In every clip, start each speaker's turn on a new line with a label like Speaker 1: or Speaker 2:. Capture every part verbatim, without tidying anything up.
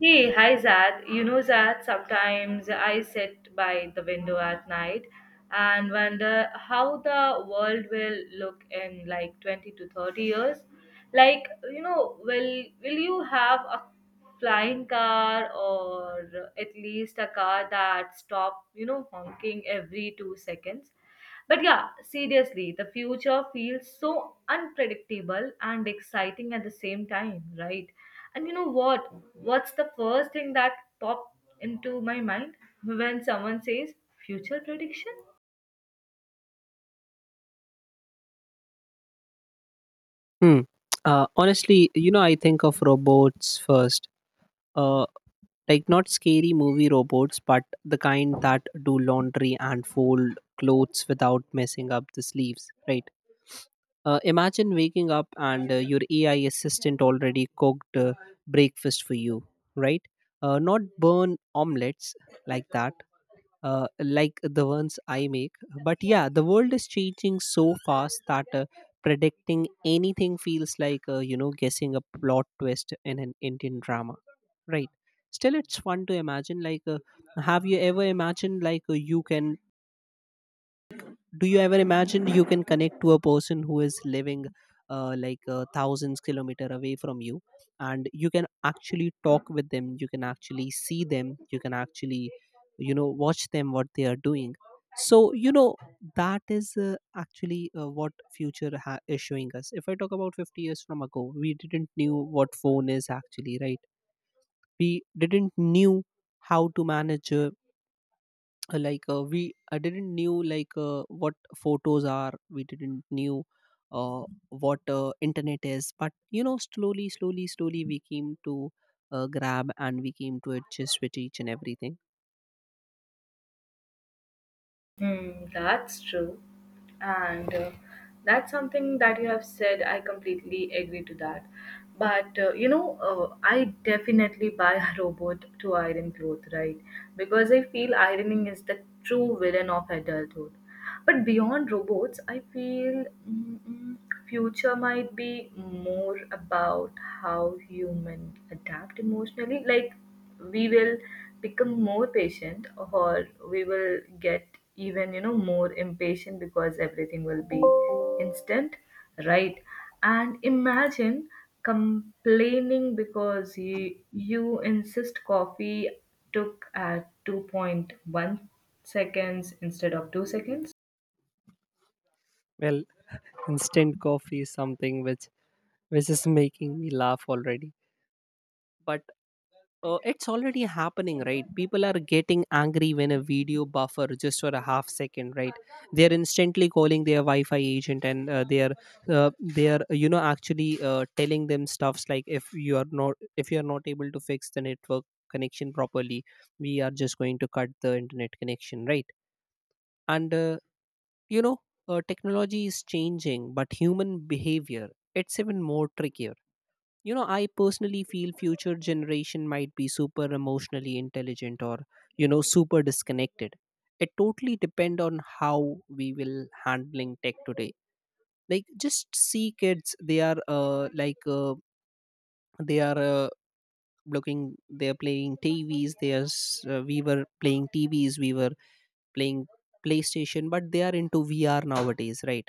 Speaker 1: Hey, hi Zad. You know, Zad, sometimes I sit by the window at night and wonder how the world will look in like twenty to thirty years. Like, you know, will will you have a flying car or at least a car that stop, you know, honking every two seconds? But yeah, seriously, the future feels so unpredictable and exciting at the same time, right? And you know what? What's the first thing that popped into my mind when someone says future prediction?
Speaker 2: Hmm. Uh, honestly, you know, I think of robots first. Uh, like not scary movie robots, but the kind that do laundry and fold clothes without messing up the sleeves, right? Uh, imagine waking up and uh, your A I assistant already cooked uh, breakfast for you, right? Uh, not burn omelets like that, uh, like the ones I make. But yeah, the world is changing so fast that uh, predicting anything feels like, uh, you know, guessing a plot twist in an Indian drama, right? Still, it's fun to imagine. Like, uh, have you ever imagined, like, uh, you can do you ever imagine you can connect to a person who is living uh, like uh, thousands kilometer away from you, and you can actually talk with them, you can actually see them, you can actually you know watch them what they are doing. So, you know that is uh, actually uh, what future ha- is showing us. If I talk about fifty years from ago, we didn't knew what phone is, actually, right? We didn't knew how to manage, uh, uh, like uh, we I didn't knew, like uh, what photos are. We didn't knew uh, what uh, internet is, but you know, slowly slowly slowly we came to uh, grab, and we came to adjust with each and everything.
Speaker 1: Mm, that's true. And uh, that's something that you have said. I completely agree to that. But uh, you know, uh, I definitely buy a robot to iron clothes, right? Because I feel ironing is the true villain of adulthood. But beyond robots, I feel mm, mm, future might be more about how human adapt emotionally. Like we will become more patient, or we will get even you know more impatient because everything will be instant, right? And imagine complaining because you you insist coffee took at two point one seconds instead of two seconds.
Speaker 2: Well, instant coffee is something which which is making me laugh already. But. Uh, it's already happening, right? People are getting angry when a video buffer just for a half second, right? They are instantly calling their Wi-Fi agent, and uh, they are uh, they are, you know actually uh, telling them stuffs like, if you are not if you are not able to fix the network connection properly, we are just going to cut the internet connection, right? And uh, you know, uh, technology is changing, but human behavior, it's even more trickier. you know I personally feel future generation might be super emotionally intelligent, or you know super disconnected. It totally depend on how we will handling tech today. Like, just see kids. They are uh, like uh, they are uh, looking, they are playing tvs. They are s- uh, we were playing tvs, we were playing playstation, but they are into vr nowadays, right?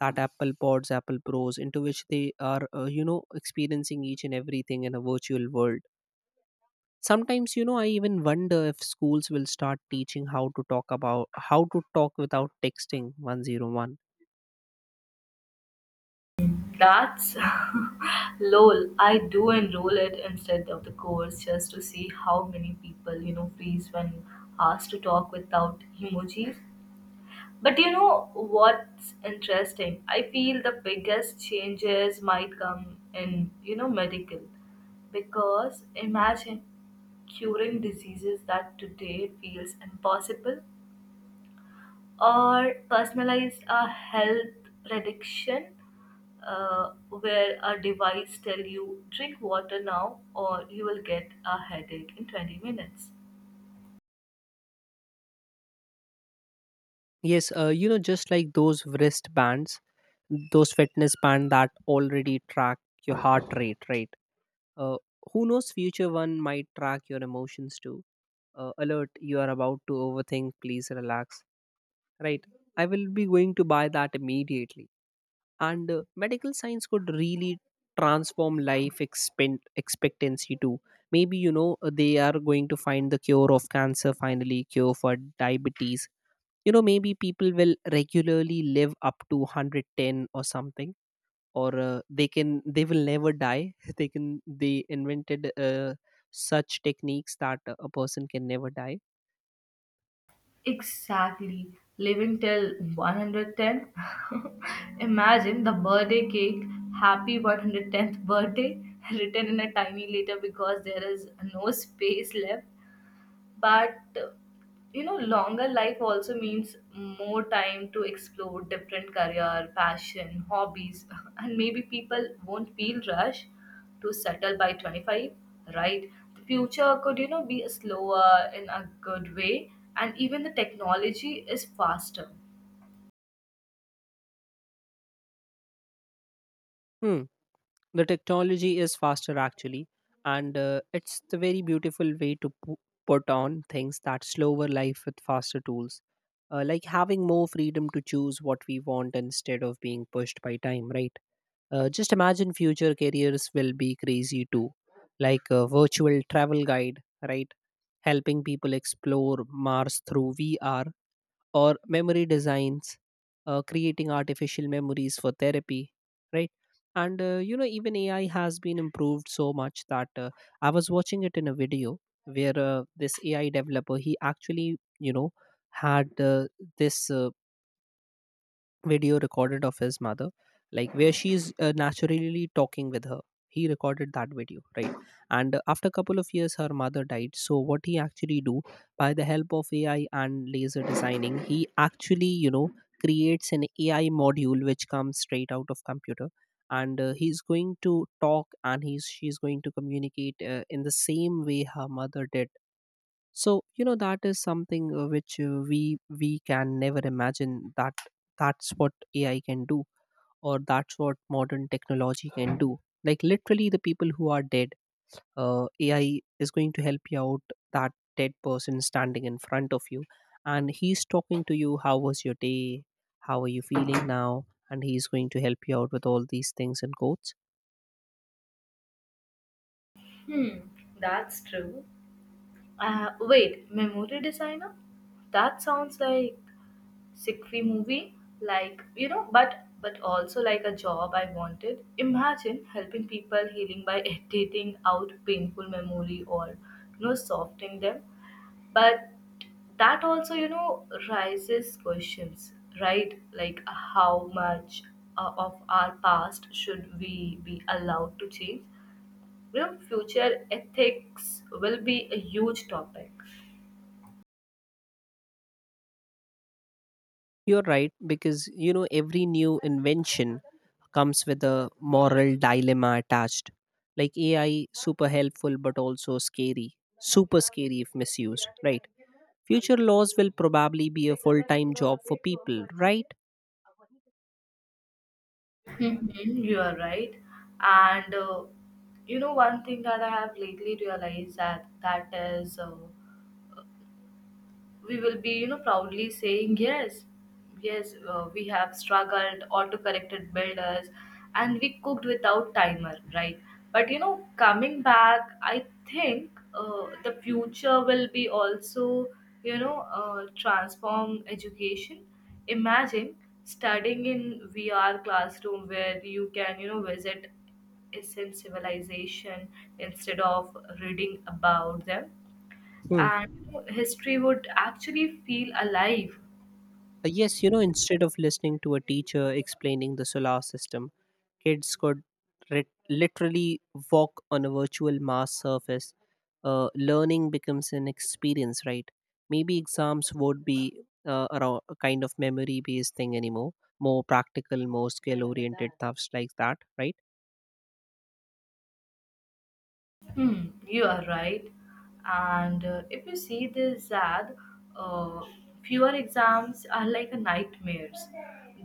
Speaker 2: That apple pods apple pros, into which they are uh, you know experiencing each and everything in a virtual world. Sometimes, you know, I even wonder if schools will start teaching how to talk about how to talk without texting one oh one.
Speaker 1: That's lol. I do enroll it instead of the course just to see how many people, you know, freeze when asked to talk without emojis. But you know what's interesting? I feel the biggest changes might come in, you know, medical. Because imagine curing diseases that today feels impossible or personalized a health prediction, uh, where a device tell you drink water now or you will get a headache in twenty minutes.
Speaker 2: Yes, uh, you know, just like those wristbands, those fitness band that already track your heart rate, right? Uh, who knows, future one might track your emotions too. Uh, alert, you are about to overthink, please relax, right? I will be going to buy that immediately. And uh, medical science could really transform life expen- expectancy too. Maybe you know uh, they are going to find the cure of cancer, finally cure for diabetes. You know maybe people will regularly live up to one hundred ten or something. Or uh, they can they will never die. They can they invented uh, such techniques that a person can never die.
Speaker 1: Exactly. Living till one hundred ten. Imagine the birthday cake, happy one hundred tenth birthday, written in a tiny letter because there is no space left. But you know, longer life also means more time to explore different career, passion, hobbies, and maybe people won't feel rush to settle by twenty-five, right? The future could, you know, be slower in a good way, and even the technology is faster.
Speaker 2: Hmm, the technology is faster actually. And uh, it's the very beautiful way to pu- put on things, that slower life with faster tools, uh, like having more freedom to choose what we want instead of being pushed by time, right? Uh, just imagine future careers will be crazy too. Like a virtual travel guide, right? Helping people explore mars through vr, or memory designs, uh, creating artificial memories for therapy, right? And uh, you know, even A I has been improved so much that uh, I was watching it in a video where uh, this A I developer, he actually you know had uh, this uh, video recorded of his mother, like where she is uh, naturally talking with her. He recorded that video, right? And uh, after a couple of years, her mother died. So what he actually do, by the help of A I and laser designing, he actually you know creates an A I module which comes straight out of computer. And uh, he's going to talk, and he's she's going to communicate uh, in the same way her mother did. So you know that is something, uh, which uh, we we can never imagine. That that's what ai can do, or that's what modern technology can do. Like literally, the people who are dead, uh, ai is going to help you out. That dead person standing in front of you, and he's talking to you, how was your day, how are you feeling now, and he's going to help you out with all these things and quotes.
Speaker 1: Hmm, that's true. Uh, wait, memory designer? That sounds like Sick free movie, like you know but but also like a job I wanted. Imagine helping people healing by editing out painful memory or you know softening them. But that also, you know raises questions, right? Like how much uh, of our past should we be allowed to change. You know future ethics will be a huge topic.
Speaker 2: You're right, because you know every new invention comes with a moral dilemma attached. Like A I, super helpful but also scary, super scary if misused, right? Future laws will probably be a full time job for people, right?
Speaker 1: Mhm. You are right. And uh, you know, one thing that I have lately realized that that is uh, we will be, you know proudly saying yes, yes uh, we have struggled auto corrected builders and we cooked without timer, right? But you know, coming back, I think uh, the future will be also, you know uh, transform education. Imagine studying in VR classroom where you can, you know visit ancient civilization instead of reading about them,
Speaker 2: Hmm.
Speaker 1: and history would actually feel alive.
Speaker 2: Uh, Yes, you know, instead of listening to a teacher explaining the solar system, kids could rit- literally walk on a virtual Mars surface. Uh, learning becomes an experience, right? Maybe exams would be uh, around a kind of memory based thing anymore, more practical, more skill oriented stuffs like that, right?
Speaker 1: Hmm, you are right. And uh, if you see this, Zad, uh, fewer exams are like a nightmares.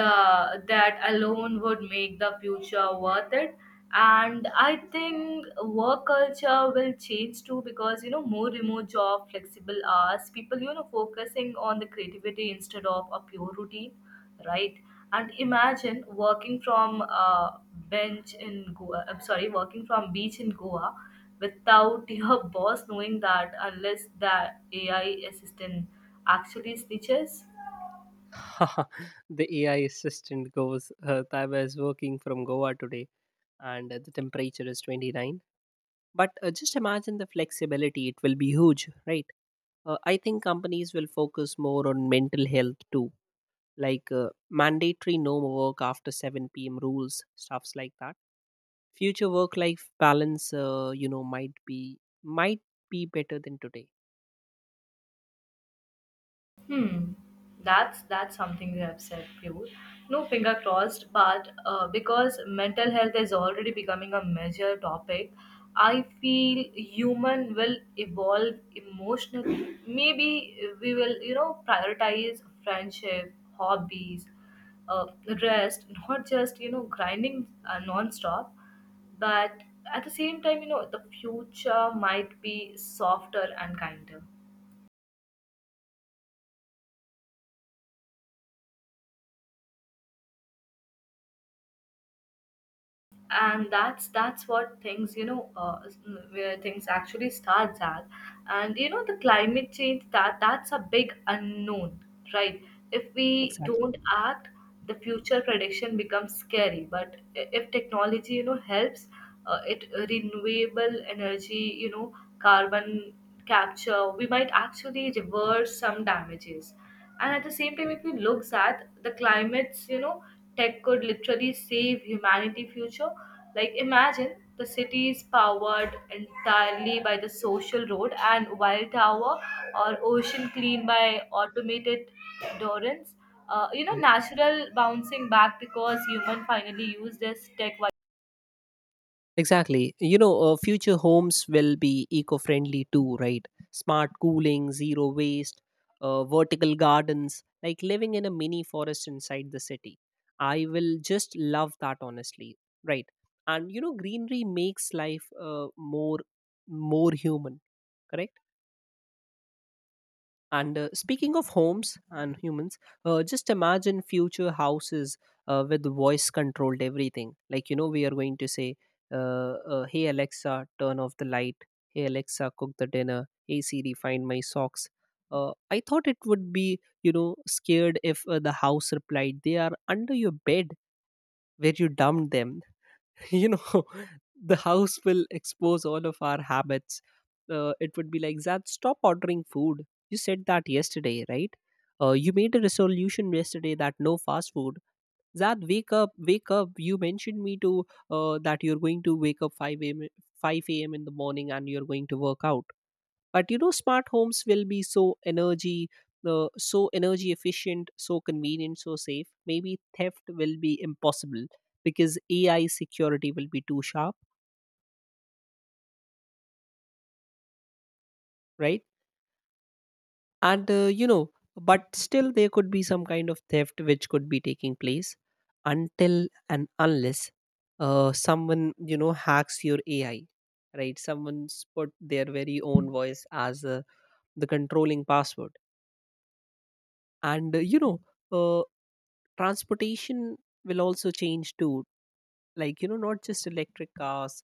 Speaker 1: The that alone would make the future worth it. And I think work culture will change too, because you know, more remote job, flexible hours, people, you know focusing on the creativity instead of a pure routine, right? And imagine working from uh, bench in Goa. I'm sorry, working from beach in Goa without your boss knowing that, unless that A I assistant actually snitches.
Speaker 2: The A I assistant goes, uh, Taiba is working from Goa today, and uh, the temperature is twenty nine. But uh, just imagine the flexibility, it will be huge, right? Uh, I think companies will focus more on mental health too, like uh, mandatory no work after seven p m rules, stuffs like that. Future work-life balance, uh, you know, might be might be better than today.
Speaker 1: Hmm, that's that's something you have said, Pure. No, finger crossed, but uh, because mental health is already becoming a major topic, I feel human will evolve emotionally. Maybe we will, you know, prioritize friendship, hobbies, uh, rest, not just, you know grinding uh, non-stop, but at the same time, you know, the future might be softer and kinder. And that's that's what things, you know uh, where things actually starts at. And you know, the climate change, that that's a big unknown, right? If we
Speaker 2: Exactly.
Speaker 1: don't act, the future prediction becomes scary. But i- if technology, you know helps uh, it renewable energy, you know carbon capture, we might actually reverse some damages. And at the same time, if we looks at the climates, you know, tech could literally save humanity future. Like imagine the city is powered entirely by the social road and wild tower, or ocean clean by automated dorans, uh, you know,
Speaker 2: Mhm.
Speaker 1: natural bouncing back because human finally use this tech wi-
Speaker 2: Exactly. You know, uh, future homes will be eco-friendly too, right? Smart cooling, zero waste, uh, vertical gardens, like living in a mini forest inside the city. I will just love that, honestly. Right. And you know, greenery makes life uh, more more human. Correct. And uh, speaking of homes and humans, uh, just imagine future houses uh, with voice controlled everything. Like, you know, we are going to say, uh, uh, Hey Alexa, turn off the light. Hey Alexa, cook the dinner. Hey Siri, find my socks. Uh, I thought it would be, you know, scared if uh, the house replied, they are under your bed where you dumped them. you know the house will expose all of our habits. Uh, it would be like, zad stop ordering food, you said that yesterday, right? Uh, you made a resolution yesterday that no fast food. Zad wake up, wake up, you mentioned me to, uh, that you're going to wake up five a.m, five a.m in the morning, and you're going to work out. But you know, smart homes will be so energy, uh, so energy efficient, so convenient, so safe. Maybe theft will be impossible, because ai security will be too sharp, right? And uh, you know but still there could be some kind of theft which could be taking place, until and unless uh, someone, you know hacks your ai, right? Someone's put their very own voice as uh, the controlling password. And uh, you know uh, transportation will also change too. Like you know, not just electric cars,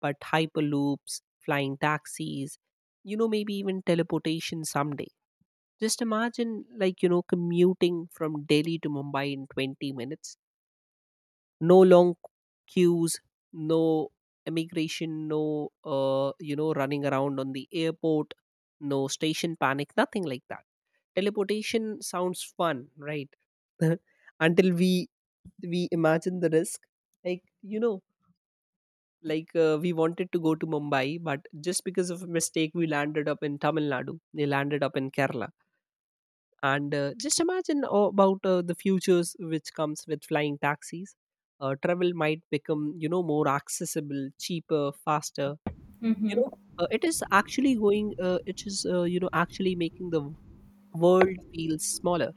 Speaker 2: but hyperloops, flying taxis, you know, maybe even teleportation someday. Just imagine, like you know, commuting from delhi to mumbai in twenty minutes. No long queues, no immigration, no uh, you know running around on the airport, no station panic, nothing like that. Teleportation sounds fun, right? Until we we imagine the risk, like you know, like uh, we wanted to go to mumbai but just because of a mistake we landed up in tamil nadu, they landed up in kerala. And uh, just imagine uh, about uh, the futures which comes with flying taxis. Uh, travel might become, you know, more accessible, cheaper, faster, you know. Uh, it is actually going, uh, it is, uh, you know actually making the world feel smaller.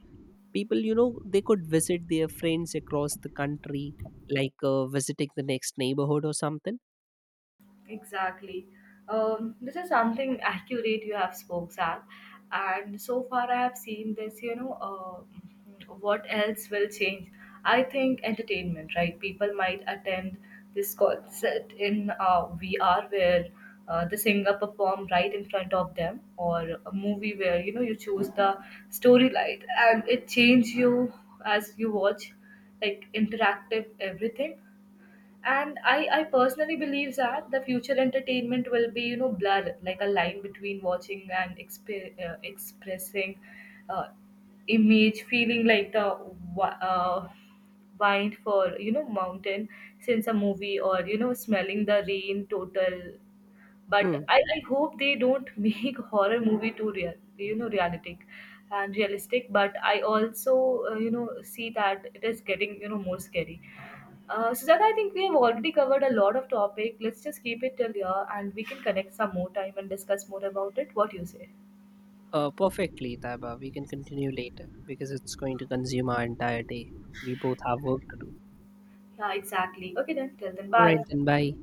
Speaker 2: People, you know, they could visit their friends across the country, like uh, visiting the next neighborhood or something.
Speaker 1: Exactly. Um, this is something accurate you have spoke, Zach. And so far, I have seen this. You know, uh, what else will change? I think entertainment, right? People might attend this concert in uh, V R where uh, the singer perform right in front of them, or a movie where you know you choose the storyline and it change you as you watch, like interactive everything. And I, I personally believe that the future entertainment will be, you know, blur like a line between watching and exp- uh, expressing, uh, image feeling like the wi- uh, wind for, you know, mountain since a movie or, you know, smelling the rain total. But
Speaker 2: Hmm.
Speaker 1: I, I hope they don't make horror movie too real, you know, realistic and realistic. But I also, uh, you know see that it is getting, you know, more scary. uh, Sujata, I think we have already covered a lot of topic. Let's just keep it till here and we can connect some more time and discuss more about it. What you say?
Speaker 2: Uh, perfectly taiba, we can continue later because it's going to consume our entire day. We both have work to do.
Speaker 1: Yeah, exactly. Okay then, till then,
Speaker 2: All right
Speaker 1: bye.
Speaker 2: then, bye.